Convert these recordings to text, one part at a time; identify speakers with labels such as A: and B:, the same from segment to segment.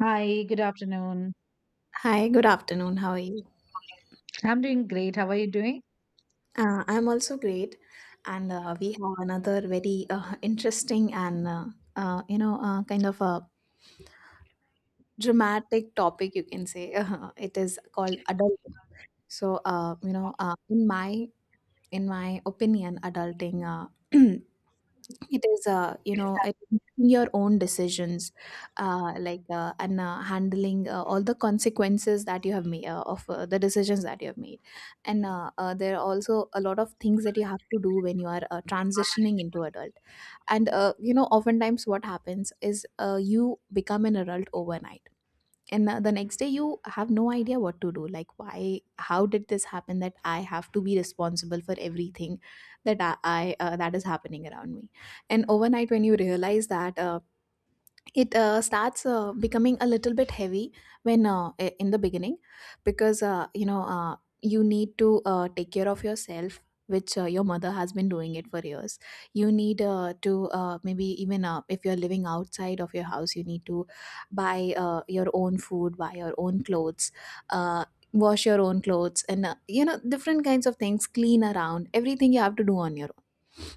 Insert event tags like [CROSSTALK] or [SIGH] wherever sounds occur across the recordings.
A: Hi, good afternoon.
B: Hi, good afternoon. How are you?
A: I'm doing great. How are you doing?
B: I'm also great, and we have another very interesting and kind of a dramatic topic, you can say. [LAUGHS] It is called adulting. So uh, you know, uh, in my in my opinion, adulting, [CLEARS THROAT] it is, you know, making your own decisions, and handling all the consequences that you have made of the decisions that you have made. And there are also a lot of things that you have to do when you are transitioning into adult. And you know, oftentimes what happens is, you become an adult overnight, and now the next day you have no idea what to do. Like, why, how did this happen, that I have to be responsible for everything that I that is happening around me. And overnight, when you realize that, it starts becoming a little bit heavy when, in the beginning, because, you know, you need to take care of yourself, which your mother has been doing it for years. You need to maybe, even if you're living outside of your house, you need to buy your own food, buy your own clothes, uh, wash your own clothes, and you know, different kinds of things, clean around, everything you have to do on your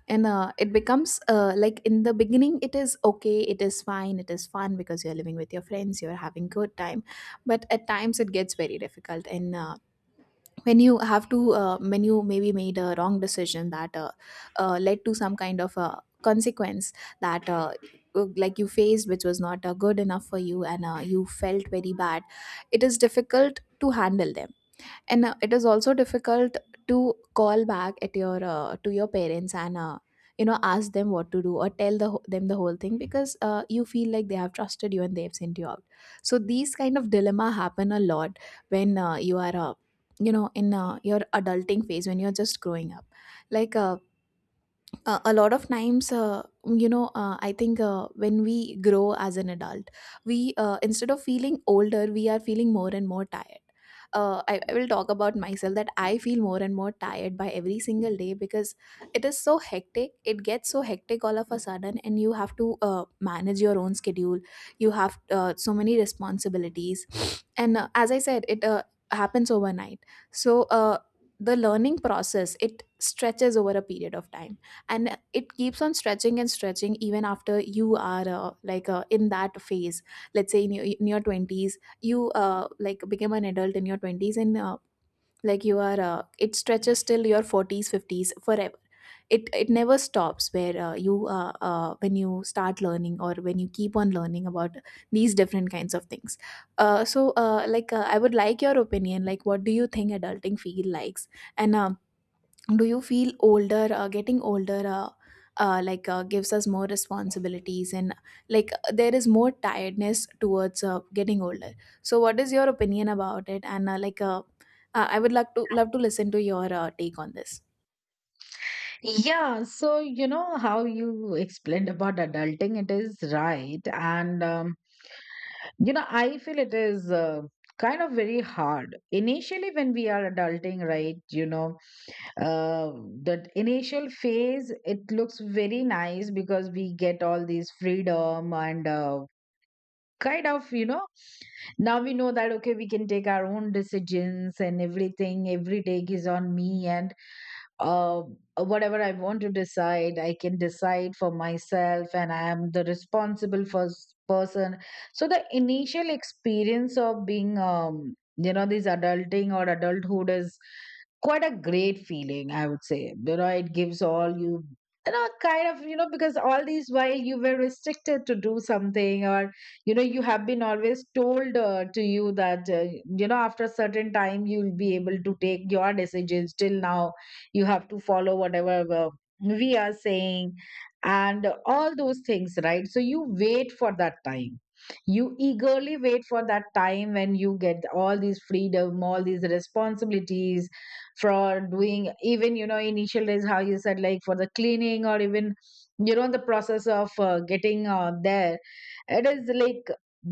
B: And it becomes, like, in the beginning, it is okay, it is fine, it is fun, because you're living with your friends, you're having good time. But at times it gets very difficult, and when you have to, when you maybe made a wrong decision that, led to some kind of consequence that, like, you faced, which was not good enough for you, and you felt very bad, it is difficult to handle them. And it is also difficult to call back at your, to your parents, and you know, ask them what to do, or tell them the whole thing, because you feel like they have trusted you and they have sent you out. So these kind of dilemma happen a lot when, you are, you know, in your adulting phase, when you're just growing up. like uh, a lot of times, you know, I think, when we grow as an adult, we, instead of feeling older, we are feeling more and more tired. I will talk about myself, that I feel more and more tired by every single day, because it is so hectic, it gets so hectic all of a sudden, and you have to manage your own schedule. You have so many responsibilities. And as I said, it happens overnight. So the learning process, it stretches over a period of time, and it keeps on stretching and stretching even after you are, like, in that phase. Let's say in your 20s, you, like, became an adult in your 20s, and like, you are, it stretches till your 40s, 50s, forever. It never stops, where, you when you start learning or when you keep on learning about these different kinds of things. I would like your opinion, like, what do you think adulting feel likes and, do you feel older, getting older, gives us more responsibilities, and, like, there is more tiredness towards getting older? So what is your opinion about it? And, I would like to love to listen to your take on this.
A: Yeah, so you know how you explained about adulting, it is right. And you know, I feel it is kind of very hard. Initially, when we are adulting, right, you know, uh, that initial phase, it looks very nice because we get all these freedom and kind of you know now we know that okay we can take our own decisions and everything every take is on me and uh, whatever I want to decide, I can decide for myself, and I am the responsible first person. So the initial experience of being, you know, this adulting or adulthood is quite a great feeling, I would say. You know, it gives all you. You know, kind of, you know, because all these while you were restricted to do something, or you know, you have been always told to you that you know after a certain time you'll be able to take your decisions. Till now, you have to follow whatever we are saying and all those things, right, so you wait for that time. You eagerly wait for that time when you get all these freedom, all these responsibilities for doing. Even, you know, initial days how you said, like, for the cleaning or even, you know, the process of getting there, it is like,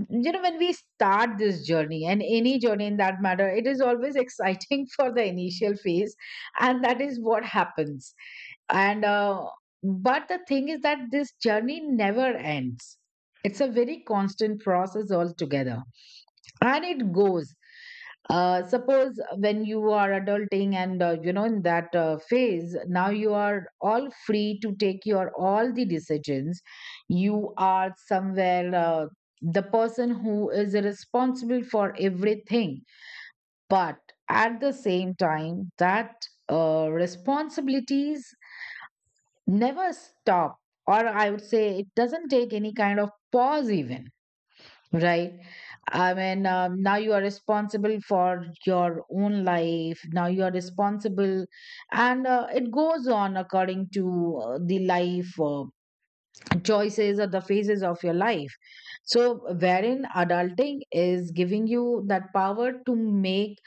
A: you know, when we start this journey, and any journey in that matter, it is always exciting [LAUGHS] for the initial phase, and that is what happens. And but the thing is that this journey never ends. It's a very constant process altogether, and it goes. Uh, suppose when you are adulting, and you know, in that phase now you are all free to take your all the decisions, you are somewhere the person who is responsible for everything. But at the same time, that responsibilities never stop, or I would say it doesn't take any kind of pause even. Right. I mean, now you are responsible for your own life. Now you are responsible, and it goes on according to the life choices or the phases of your life. So, wherein adulting is giving you that power to make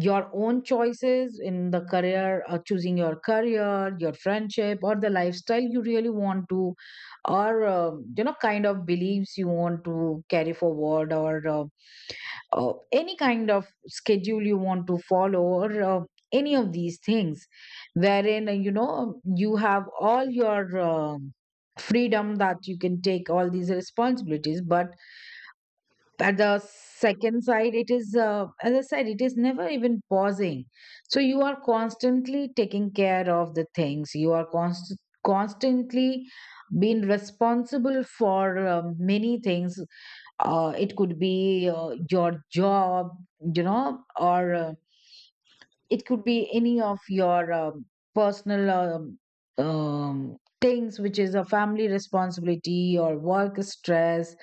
A: your own choices in the career, choosing your career, your friendship, or the lifestyle you really want to, or you know, kind of beliefs you want to carry forward, or any kind of schedule you want to follow, or any of these things, wherein you know, you have all your freedom that you can take all these responsibilities. But at the second side, it is as I said, it is never even pausing. So you are constantly taking care of the things. You are constantly being responsible for many things. It could be your job, you know, or it could be any of your personal things, which is a family responsibility or work stress,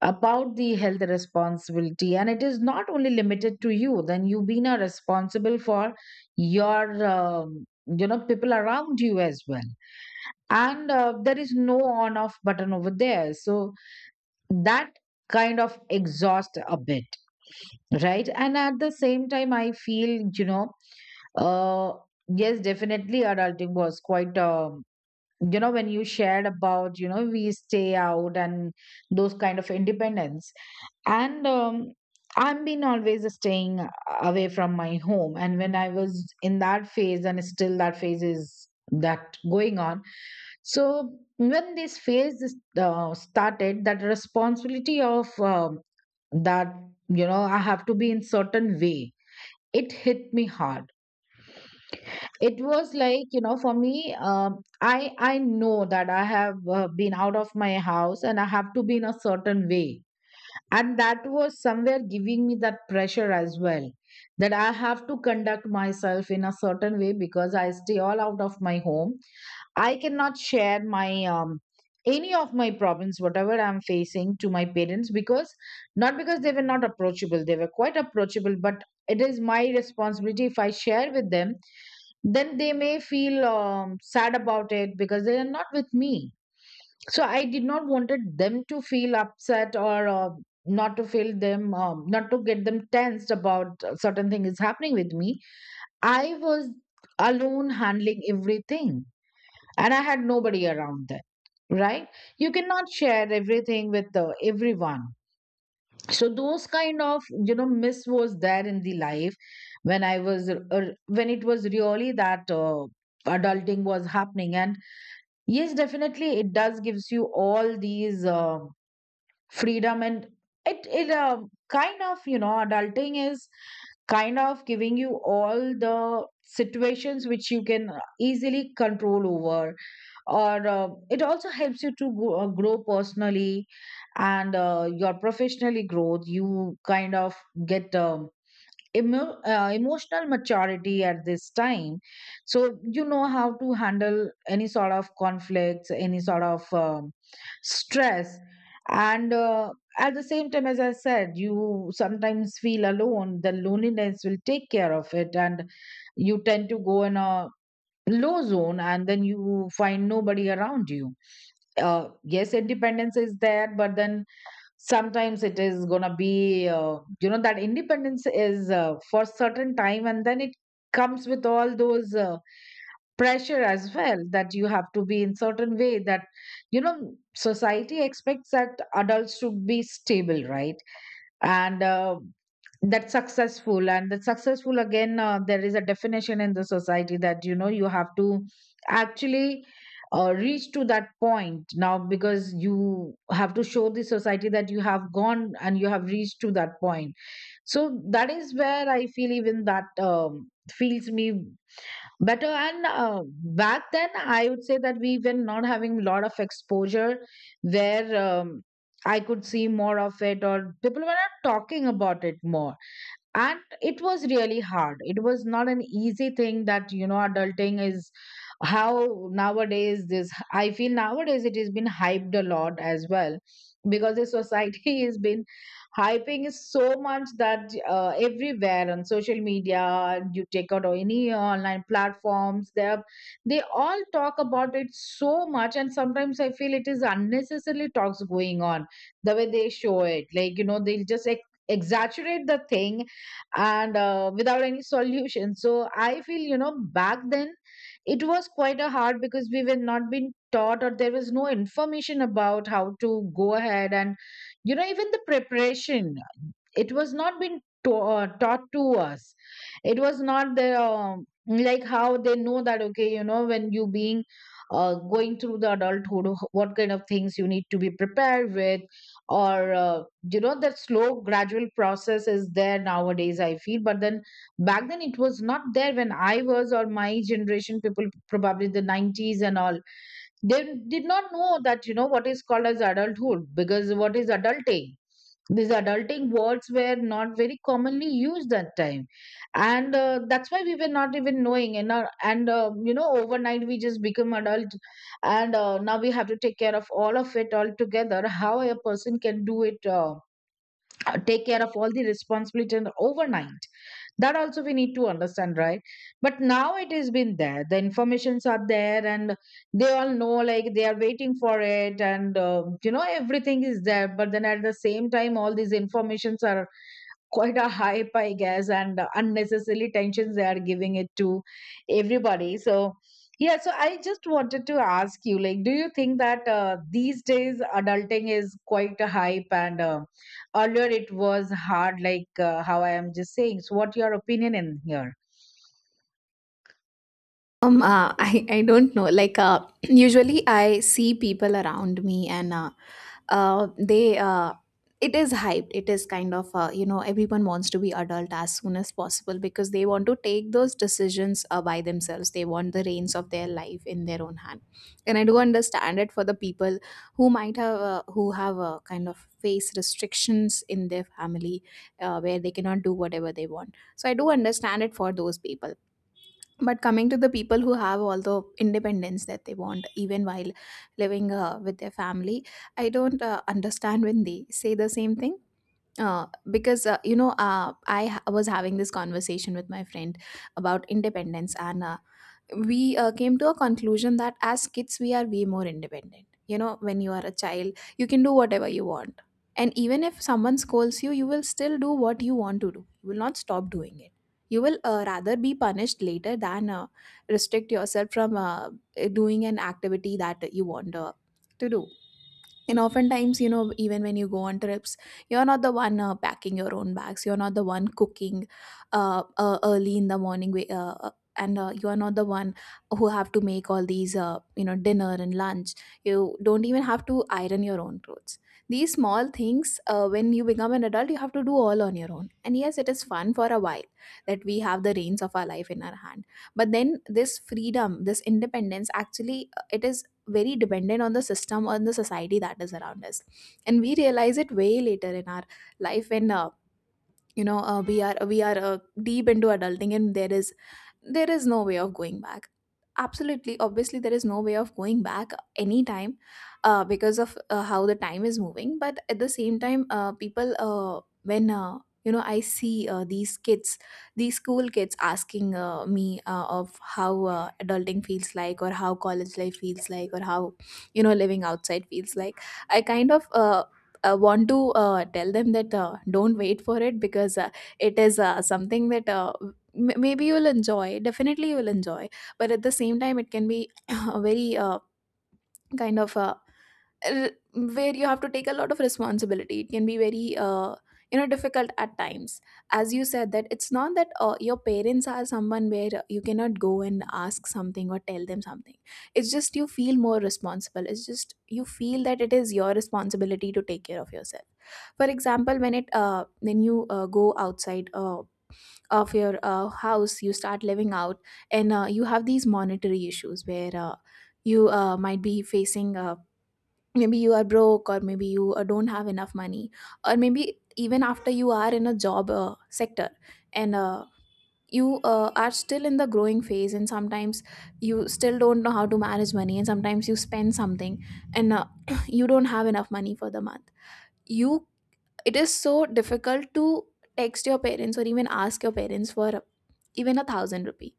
A: about the health responsibility. And it is not only limited to you, then you being are responsible for your you know, people around you as well. And there is no on off button over there, so that kind of exhaust a bit. Right. And at the same time, I feel, you know, uh, yes, definitely adulting was quite you know, when you shared about, you know, we stay out and those kind of independence. And I've been always staying away from my home. And when I was in that phase, and still that phase is that going on. So when this phase started, that responsibility of that, you know, I have to be in certain way, it hit me hard. It was like, you know, for me, I know that I have been out of my house and I have to be in a certain way, and that was somewhere giving me that pressure as well, that I have to conduct myself in a certain way because I stay all out of my home. I cannot share my any of my problems whatever I'm facing to my parents because not because they were not approachable, they were quite approachable, but it is my responsibility. If I share with them, then they may feel sad about it because they are not with me. So I did not wanted them to feel upset or not to feel them, not to get them tensed about certain thing is happening with me. I was alone handling everything, and I had nobody around then. Right. You cannot share everything with everyone. So those kind of, you know, miss was there in the life when I was when it was really that adulting was happening. And yes, definitely it does gives you all these freedom. And it kind of, you know, adulting is kind of giving you all the situations which you can easily control over, or it also helps you to go, grow personally. And your professionally growth, you kind of get emotional maturity at this time. So you know how to handle any sort of conflicts, any sort of stress. And at the same time, as I said, you sometimes feel alone, the loneliness will take care of it, and you tend to go in a low zone, and then you find nobody around you. Yes, independence is there, but then sometimes it is gonna be you know, that independence is for certain time, and then it comes with all those pressure as well, that you have to be in certain way, that you know, society expects that adults should be stable, right. And that's successful, and that successful again, there is a definition in the society that you know, you have to actually reach to that point now because you have to show the society that you have gone and you have reached to that point. So that is where I feel even that feels me better. And back then, I would say that we were not having a lot of exposure where I could see more of it, or people were not talking about it more, and it was really hard. It was not an easy thing that you know adulting is how nowadays. This I feel nowadays it has been hyped a lot as well because the society [LAUGHS] has been hyping is so much that everywhere on social media you take out or any online platforms, they all talk about it so much. And sometimes I feel it is unnecessarily talks going on, the way they show it, like, you know, they'll just exaggerate the thing, and without any solution. So I feel, you know, back then it was quite a hard because we were not being taught, or there was no information about how to go ahead. And you know, even the preparation, it was not been to, taught to us. It was not the like how they know that okay, you know, when you being going through the adulthood, what kind of things you need to be prepared with, or you know, that slow gradual process is there nowadays, I feel. But then back then it was not there when I was, or my generation people probably the 90s and all, they did not know that, you know, what is called as adulthood, because what is adulting, these adulting words were not very commonly used that time. And that's why we were not even knowing, and our, and you know, overnight we just become adult. And now we have to take care of all of it all together. How a person can do it, take care of all the responsibility and overnight, that also we need to understand, right. But now it has been there, the informations are there, and they all know, like they are waiting for it. And you know, everything is there. But then at the same time, all these informations are quite a hype, I guess, and unnecessarily tensions they are giving it to everybody. So, yeah, so I just wanted to ask you, like, do you think that these days adulting is quite a hype, and earlier it was hard, like how I am just saying. So, what your opinion in here?
B: I don't know. Like, [CLEARS THROAT] usually I see people around me, and, uh, they, uh, it is hyped. It is kind of, you know, everyone wants to be adult as soon as possible, because they want to take those decisions by themselves. They want the reins of their life in their own hand. And I do understand it for the people who might have, who have kind of face restrictions in their family, where they cannot do whatever they want. So I do understand it for those people, but coming to the people who have all the independence that they want, even while living with their family, I don't understand when they say the same thing. Because, you know, was having this conversation with my friend about independence, and we, came to a conclusion that as kids we are way more independent. You know, when you are a child, you can do whatever you want, and even if someone scolds you, you will still do what you want to do. You will not stop doing it. You will rather be punished later than restrict yourself from doing an activity that you want to do. And oftentimes, you know, even when you go on trips, you're not the one packing your own bags. You're not the one cooking early in the morning. And you are not the one who have to make all these, you know, dinner and lunch. You don't even have to iron your own clothes. These small things, when you become an adult, you have to do all on your own. And yes, it is fun for a while that we have the reins of our life in our hand. But then this freedom, this independence, actually, it is very dependent on the system, on the society that is around us, and we realize it way later in our life, when, you know, we are deep into adulting, and there is, there is no way of going back. Absolutely, obviously, there is no way of going back anytime, because of how the time is moving. But at the same time, people, when you know I see, these kids, these school kids, asking, me, of how adulting feels like, or how college life feels like, or how, you know, living outside feels like, I kind of, want to tell them that, don't wait for it, because, it is something that, maybe you will enjoy, definitely you will enjoy, but at the same time it can be [COUGHS] [CLEARS THROAT] a very, kind of uh, r- where you have to take a lot of responsibility. It can be very, you know, difficult at times. As you said, that it's not that your parents are someone where you cannot go and ask something or tell them something. It's just you feel more responsible. It's just you feel that it is your responsibility to take care of yourself. For example, when it, when you, go outside of your house, you start living out, and you have these monetary issues where, you, might be facing, maybe you are broke, or maybe you don't have enough money, or maybe even after you are in a job sector, and you, are still in the growing phase, and sometimes you still don't know how to manage money, and sometimes you spend something, and [CLEARS THROAT] you don't have enough money for the month. You, it is so difficult to text your parents, or even ask your parents for even 1,000 rupee,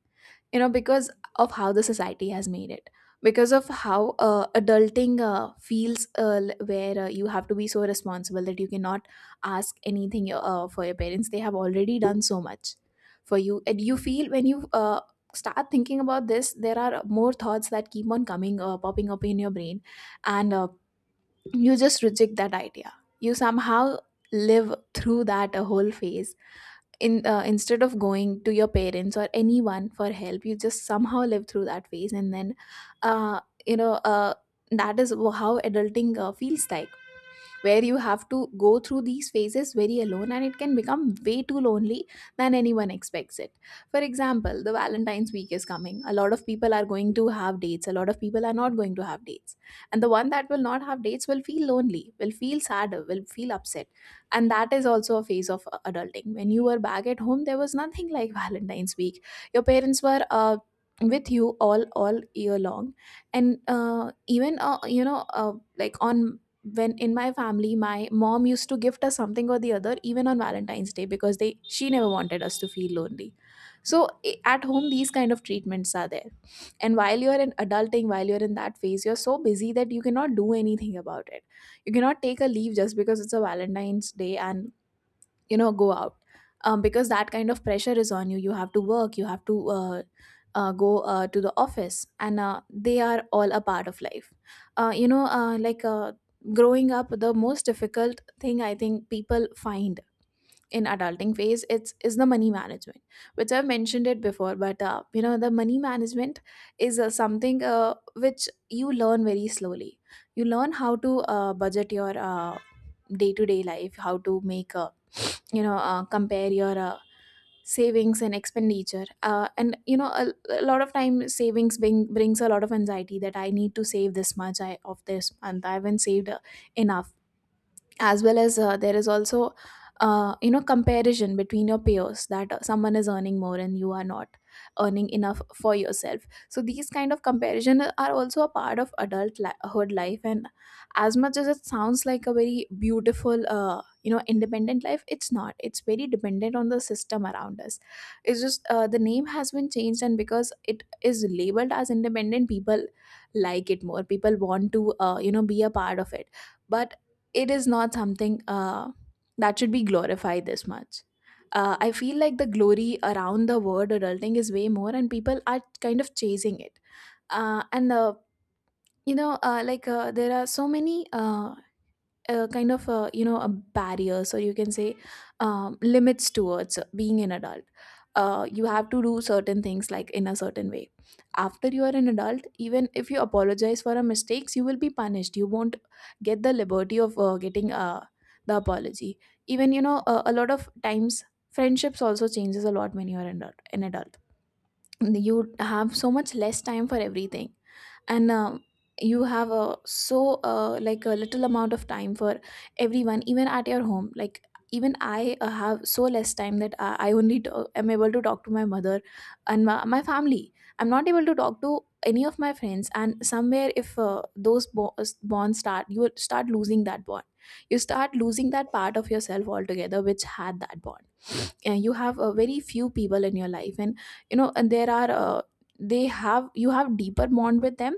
B: you know, because of how the society has made it, because of how adulting feels, where, you have to be so responsible that you cannot ask anything for your parents. They have already done so much for you, and you feel when you, start thinking about this, there are more thoughts that keep on coming, popping up in your brain, and you just reject that idea. You somehow live through that whole phase. In Instead of going to your parents or anyone for help, you just somehow live through that phase, and then, uh, you know, that is how adulting feels like, where you have to go through these phases very alone, and it can become way too lonely than anyone expects it. For example, the Valentine's week is coming. A lot of people are going to have dates, a lot of people are not going to have dates. And the one that will not have dates will feel lonely, will feel sad, will feel upset. And that is also a phase of adulting. When you were back at home, there was nothing like [LAUGHS] Valentine's week. Your parents were with you all year long and even you know like on when in my family my mom used to gift us something or the other even on Valentine's Day because they she never wanted us to feel lonely, so at home these kind of treatments are there. And while you're in adulting, while you're in that phase, you're so busy that you cannot do anything about it. You cannot take a leave just because it's a Valentine's Day and you know go out, because that kind of pressure is on you. You have to work, you have to go to the office, and they are all a part of life. uh, you know uh, like uh, Growing up, the most difficult thing I think people find in adulting phase it's is the money management, which I've mentioned it before, but the money management is something which you learn very slowly. You learn how to budget your day-to-day life, how to make you know compare your savings and expenditure, and you know a lot of time savings brings a lot of anxiety that I need to save this much I of this and I haven't saved enough. As well as there is also comparison between your peers that someone is earning more and you are not earning enough for yourself. So these kind of comparison are also a part of adulthood life. And as much as it sounds like a very beautiful independent life, it's not, it's very dependent on the system around us. It's just the name has been changed, and because it is labeled as independent, people like it more, people want to be a part of it. But it is not something that should be glorified this much. I feel like the glory around the word adulting is way more, and people are kind of chasing it. And you know, like there are so many a kind of a a barrier, so you can say, limits towards being an adult. You have to do certain things like in a certain way after you are an adult. Even if you apologize for a mistakes, you will be punished, you won't get the liberty of getting the apology. Even you know A lot of times friendships also changes a lot. When you are an adult, you have so much less time for everything. And you have a like a little amount of time for everyone, even at your home. Like even I have so less time that I only to- am able to talk to my mother and my family. I'm not able to talk to any of my friends, and somewhere if those bonds start, you will start losing that bond. You start losing that part of yourself altogether which had that bond. You have a very few people in your life, and there are they have you have deeper bond with them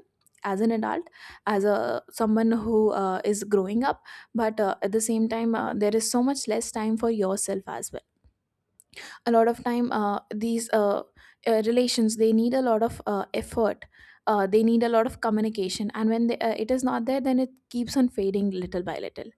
B: as an adult, as a someone who is growing up. But at the same time there is so much less time for yourself as well. A lot of time these relations, they need a lot of effort, they need a lot of communication, and when it is not there, then it keeps on fading little by little.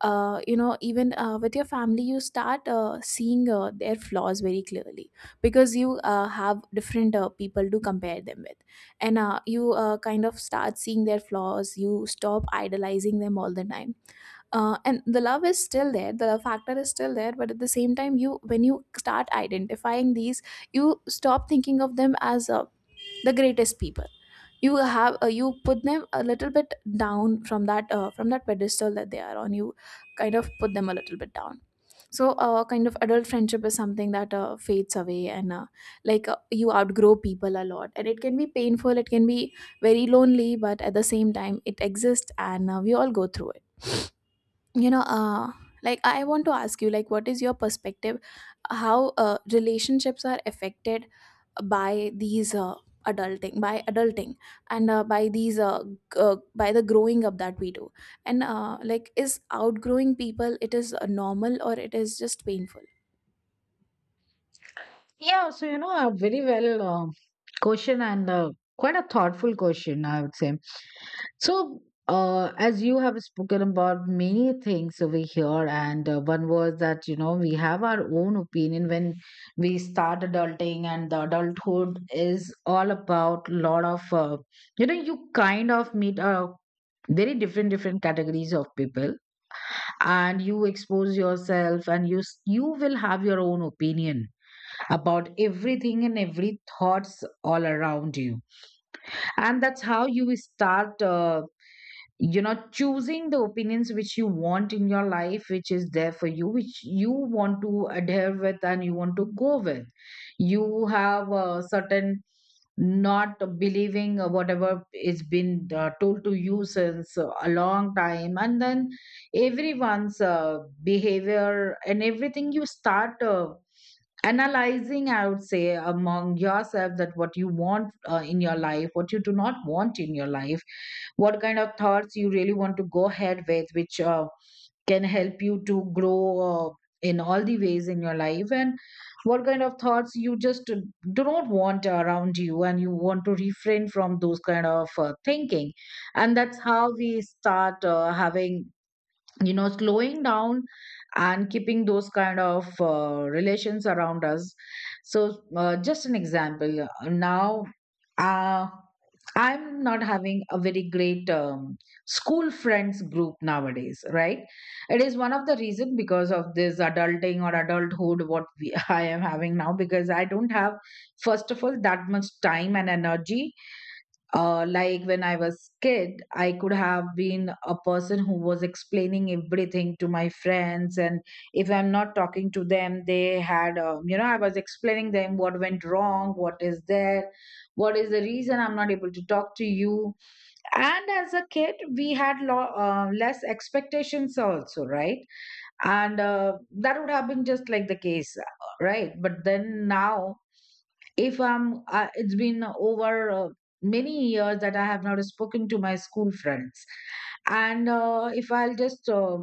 B: You know even With your family you start seeing their flaws very clearly, because you have different people to compare them with. And you kind of start seeing their flaws, you stop idolizing them all the time. And the love is still there, the love factor is still there, but at the same time you when you start identifying these, you stop thinking of them as the greatest people. You have you put them a little bit down from that pedestal that they are on. You kind of put them a little bit down. So kind of adult friendship is something that fades away. And you outgrow people a lot, and it can be painful, it can be very lonely, but at the same time it exists and we all go through it. you know uh like I want to ask you, like, what is your perspective? How relationships are affected by these adulting by adulting, and by the growing up that we do. And like, is outgrowing people, it is normal or it is just painful?
A: Yeah, so you know, a very well question, and quite a thoughtful question, I would say. So, as you have spoken about many things over here, and one was that you know we have our own opinion when we start adulting, and the adulthood is all about lot of you know you kind of meet a very different different categories of people, and you expose yourself, and you will have your own opinion about everything and every thoughts all around you, and that's how you start you know choosing the opinions which you want in your life, which is there for you, which you want to adhere with and you want to go with. You have a certain not believing whatever is been told to you since a long time, and then everyone's behavior and everything you start analyzing, I would say, among yourself that what you want in your life, what you do not want in your life, what kind of thoughts you really want to go ahead with which can help you to grow uh, in all the ways in your life, and what kind of thoughts you just do not want around you and you want to refrain from those kind of thinking. And that's how we start having, you know, slowing down and keeping those kind of relations around us. So, just an example, now, uh, I'm not having a very great school friends group nowadays, right? It is one of the reason because of this adulting or adulthood what we, [LAUGHS] I am having now, because I don't have, first of all, that much time and energy. Like when I was kid, I could have been a person who was explaining everything to my friends, and if I'm not talking to them, they had, you know, I was explaining them what went wrong, what is there, what is the reason I'm not able to talk to you. And as a kid, we had less expectations also, right? And that would have been just like the case, right? But then now, if I'm, it's been over many years that I have not spoken to my school friends, and if I'll just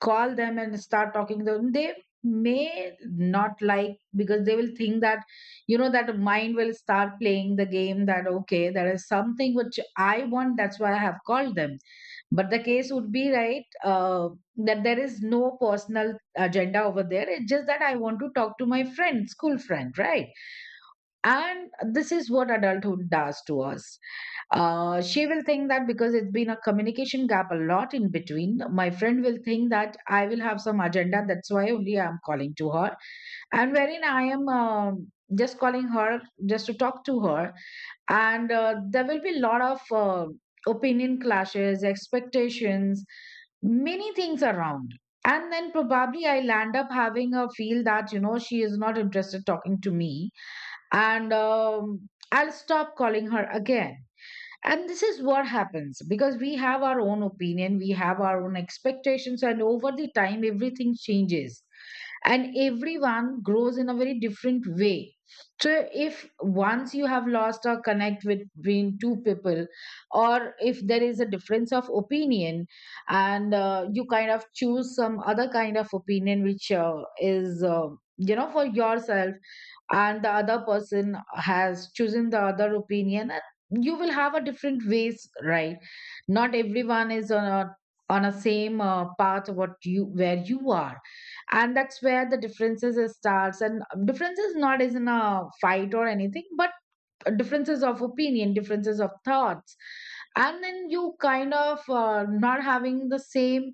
A: call them and start talking to them, they may not like, because they will think that, you know, that mind will start playing the game that okay, there is something which I want, that's why I have called them. But the case would be, right, uh, that there is no personal agenda over there. It's just that I want to talk to my friend, school friend, right? And this is what adulthood does to us. She will think that because it's been a communication gap a lot in between, my friend will think that I will have some agenda. That's why only I'm calling to her. And wherein I am just calling her, just to talk to her. And there will be a lot of opinion clashes, expectations, many things around. And then probably I'll end up having a feel that, you know, she is not interested talking to me, and I'll stop calling her again. And this is what happens because we have our own opinion, we have our own expectations, and over the time, everything changes and everyone grows in a very different way. So, if once you have lost a connect with between two people, or if there is a difference of opinion, and you kind of choose some other kind of opinion which is, you know, for yourself, and the other person has chosen the other opinion, and you will have a different ways, right? Not everyone is on a same path what you where you are. And that's where the differences is starts, and differences not is in a fight or anything, but differences of opinion, differences of thoughts. And then you kind of not having the same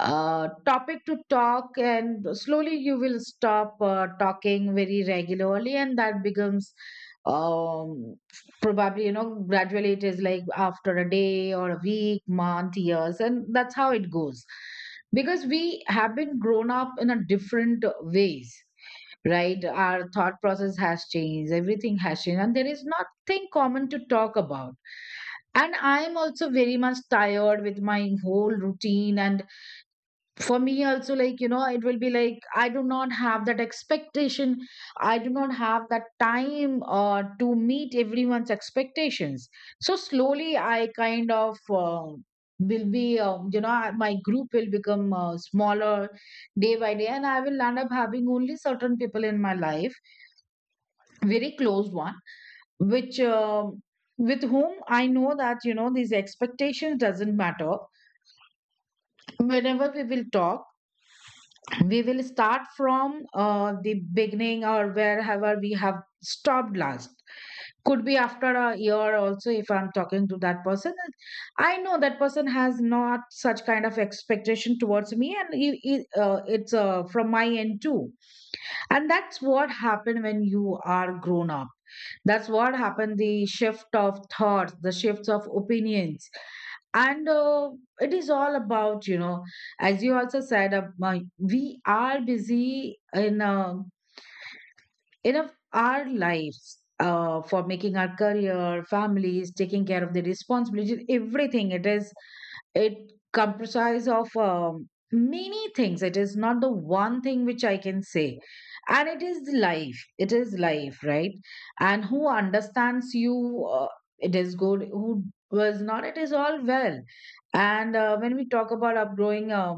A: topic to talk, and slowly you will stop talking very regularly, and that becomes, um probably, you know, gradually it is like after a day or a week, month, years, and that's how it goes. Because we have been grown up in a different ways, right? Our thought process has changed, everything has changed, and there is nothing common to talk about. And I am also very much tired with my whole routine, and for me also, like, you know, it will be like I do not have that expectation, I do not have that time to meet everyone's expectations. So slowly I kind of uh, will be, you know, my group will become smaller day by day, and I will end up having only certain people in my life, very close one, which, with whom I know that, you know, these expectations doesn't matter. Whenever we will talk, we will start from the beginning or wherever we have stopped last. Could be after a year also. If I'm talking to that person, I know that person has not such kind of expectation towards me, and he, it's from my end too. And that's what happened when you are grown up. That's what happened, the shift of thoughts, the shifts of opinions. And it is all about, you know, as you also said, we are busy in enough our lives for making our career, families, taking care of the responsibilities, everything. It is, it comprises of many things. It is not the one thing which I can say. And it is life, it is life, right? And who understands you, it is good. Who was not, it is all well. And when we talk about upgrowing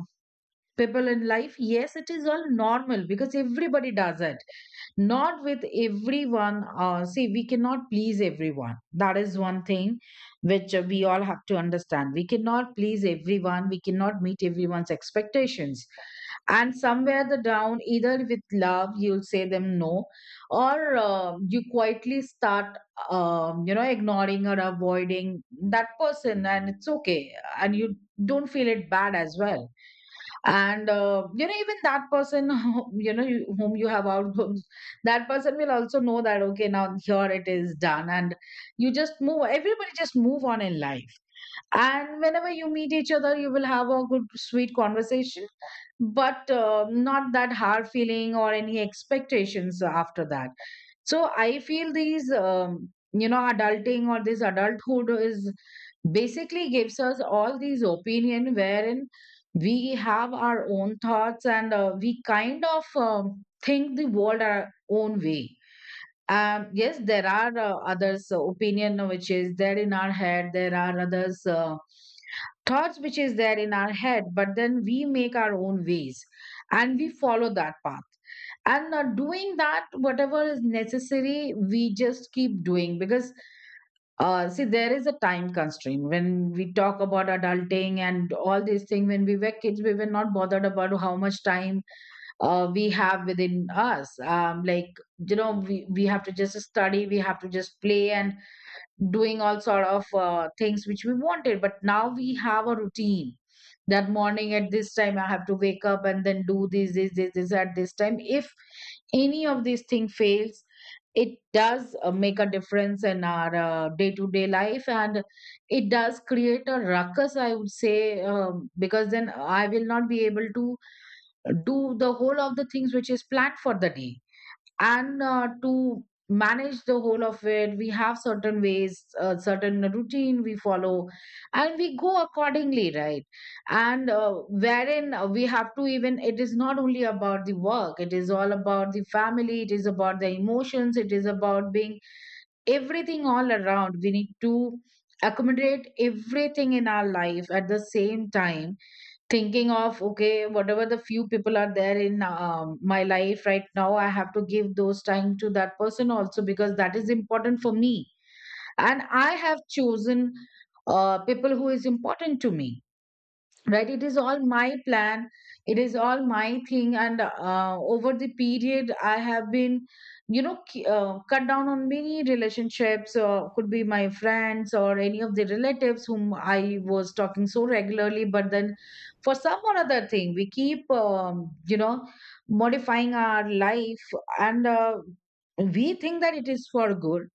A: people in life, yes, it is all normal because everybody does it. Not with everyone. See, we cannot please everyone. That is one thing which we all have to understand. We cannot please everyone, we cannot meet everyone's expectations. And somewhere the down, either with love you'll say them no, or you quietly start, you know, ignoring or avoiding that person, and it's okay. And you don't feel it bad as well. And you know, even that person [LAUGHS] you know whom you have outgrown, [LAUGHS] that person will also know that okay, now here it is done, and you just move, everybody just move on in life. And whenever you meet each other, you will have a good sweet conversation, but not that hard feeling or any expectations after that. So I feel these, you know, adulting or this adulthood is basically gives us all these opinion, wherein we have our own thoughts, and we kind of think the world our own way. Yes, there are others opinion which is there in our head, there are others thoughts which is there in our head, but then we make our own ways, and we follow that path. And doing that, whatever is necessary, we just keep doing. Because see, there is a time constraint when we talk about adulting and all these things. When we were kids, we were not bothered about how much time we have within us. Like, you know, we have to just study, we have to just play, and doing all sort of things which we wanted. But now we have a routine. That morning at this time, I have to wake up, and then do this, this, this, this at this time. If any of these thing fails, it does make a difference in our day-to-day life, and it does create a ruckus, I would say, because then I will not be able to do the whole of the things which is planned for the day. And to manage the whole of it, we have certain ways, certain routine we follow, and we go accordingly, right? And wherein we have to, even it is not only about the work, it is all about the family, it is about the emotions, it is about being everything all around. We need to accommodate everything in our life at the same time, thinking of okay, whatever the few people are there in, my life right now, I have to give those time to that person also, because that is important for me. And I have chosen people who is important to me, right? It is all my plan, it is all my thing. And over the period, I have been, you know, cut down on many relationships, could be my friends or any of the relatives whom I was talking so regularly, but then for some or other thing we keep, you know, modifying our life. And we think that it is for good,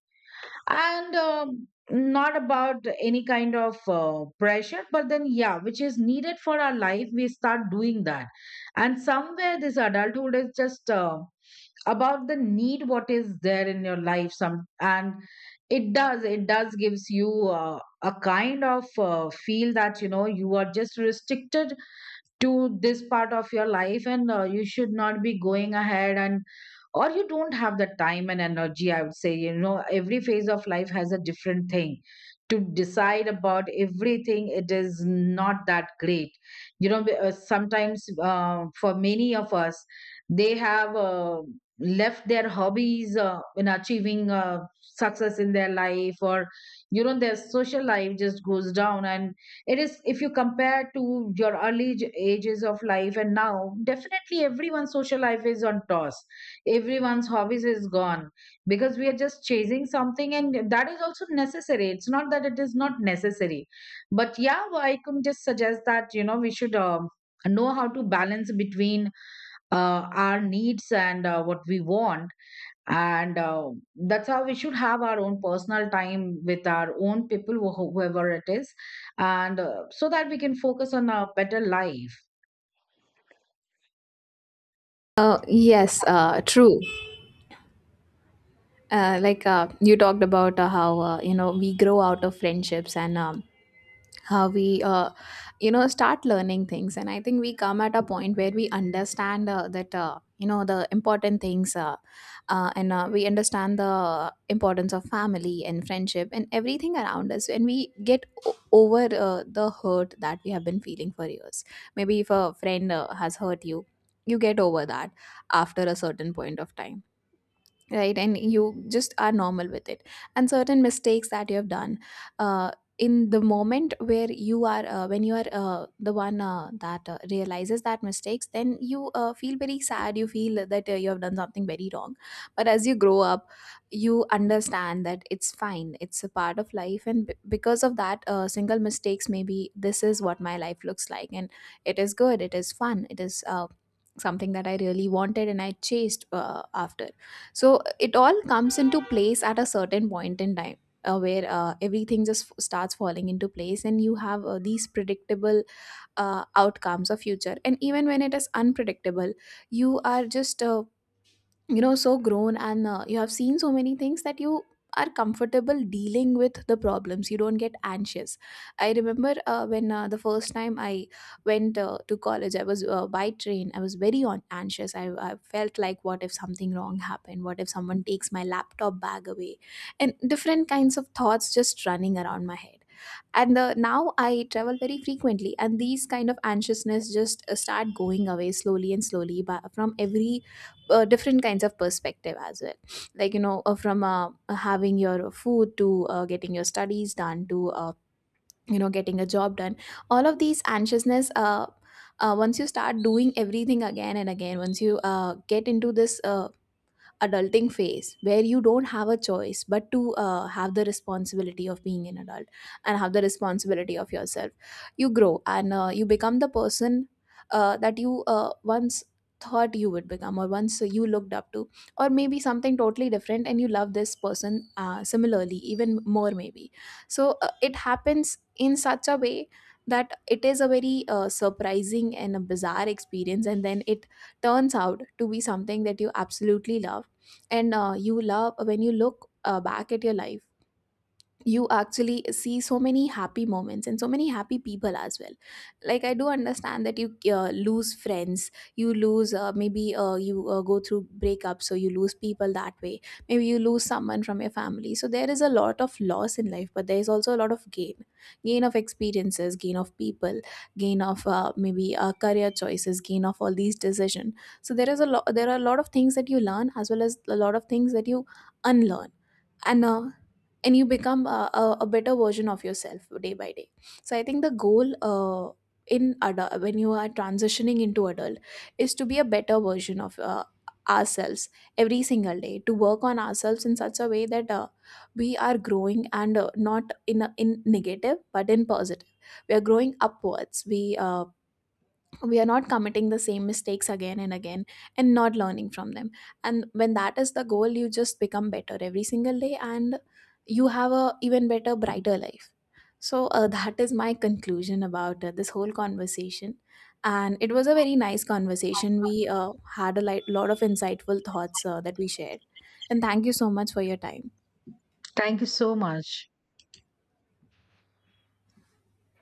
A: and not about any kind of pressure, but then yeah, which is needed for our life, we start doing that. And somewhere this adulthood is just about the need, what is there in your life some. And it does, it does gives you a kind of feel that, you know, you are just restricted to this part of your life, and you should not be going ahead, and or you don't have the time and energy, I would say. You know, every phase of life has a different thing to decide about everything. It is not that great. You know, sometimes, for many of us, they have left their hobbies in achieving success in their life, or you know, their social life just goes down. And it is, if you compare to your early ages of life and now, definitely everyone's social life is on toss, everyone's hobbies is gone, because we are just chasing something. And that is also necessary, it's not that it is not necessary. But yeah, I can just suggest that, you know, we should, know how to balance between our needs and what we want. And that's how we should have our own personal time with our own people, whoever it is. And so that we can focus on a better life.
B: Yes, true. Like you talked about how we grow out of friendships, and how we start learning things. And I think we come at a point where we understand that you know the important things, and we understand the importance of family and friendship and everything around us, and we get over the hurt that we have been feeling for years. Maybe if a friend has hurt you, you get over that after a certain point of time, right? And you just are normal with it. And certain mistakes that you have done uh, in the moment, where you are when you are the one that realizes that mistakes, then you feel very sad, you feel that you have done something very wrong. But as you grow up, you understand that it's fine, it's a part of life, and because of that single mistakes, maybe this is what my life looks like. And it is good, it is fun, it is something that I really wanted and I chased after. So it all comes into place at a certain point in time. Where everything just starts falling into place, and you have these predictable outcomes of future. And even when it is unpredictable, you are just so grown, and you have seen so many things that you are comfortable dealing with the problems, you don't get anxious. I remember when the first time I went to college, I was by train, I was very on anxious. I felt like what if something wrong happened, what if someone takes my laptop bag away, and different kinds of thoughts just running around my head. And the now I travel very frequently, and these kind of anxiousness just start going away slowly and slowly from every different kinds of perspective as well. Like you know from having your food to getting your studies done to getting a job done. All of these anxiousness, once you start doing everything again and again, once you get into this adulting phase where you don't have a choice but to have the responsibility of being an adult and have the responsibility of yourself, you grow. And you become the person that you once thought you would become, or once you looked up to, or maybe something totally different, and you love this person similarly, even more maybe. So it happens in such a way that it is a very surprising and a bizarre experience, and then it turns out to be something that you absolutely love. And you love when you look back at your life, you actually see so many happy moments and so many happy people as well. Like I do understand that you lose friends, you lose maybe you go through breakups, so you lose people that way. Maybe you lose someone from your family, so there is a lot of loss in life, but there is also a lot of gain. Gain of experiences, gain of people, gain of maybe career choices, gain of all these decisions. So there are a lot of things that you learn, as well as a lot of things that you unlearn. and uh, and you become a better version of yourself day by day. So I think the goal in when you are transitioning into adult is to be a better version of ourselves every single day, to work on ourselves in such a way that we are growing, and not in in negative but in positive. We are growing upwards. We are not committing the same mistakes again and again and not learning from them. And when that is the goal, you just become better every single day, and you have a even better brighter life. So that is my conclusion about this whole conversation. And it was a very nice conversation, we had a lot of insightful thoughts that we shared. And thank you so much for your time.
A: Thank you so much.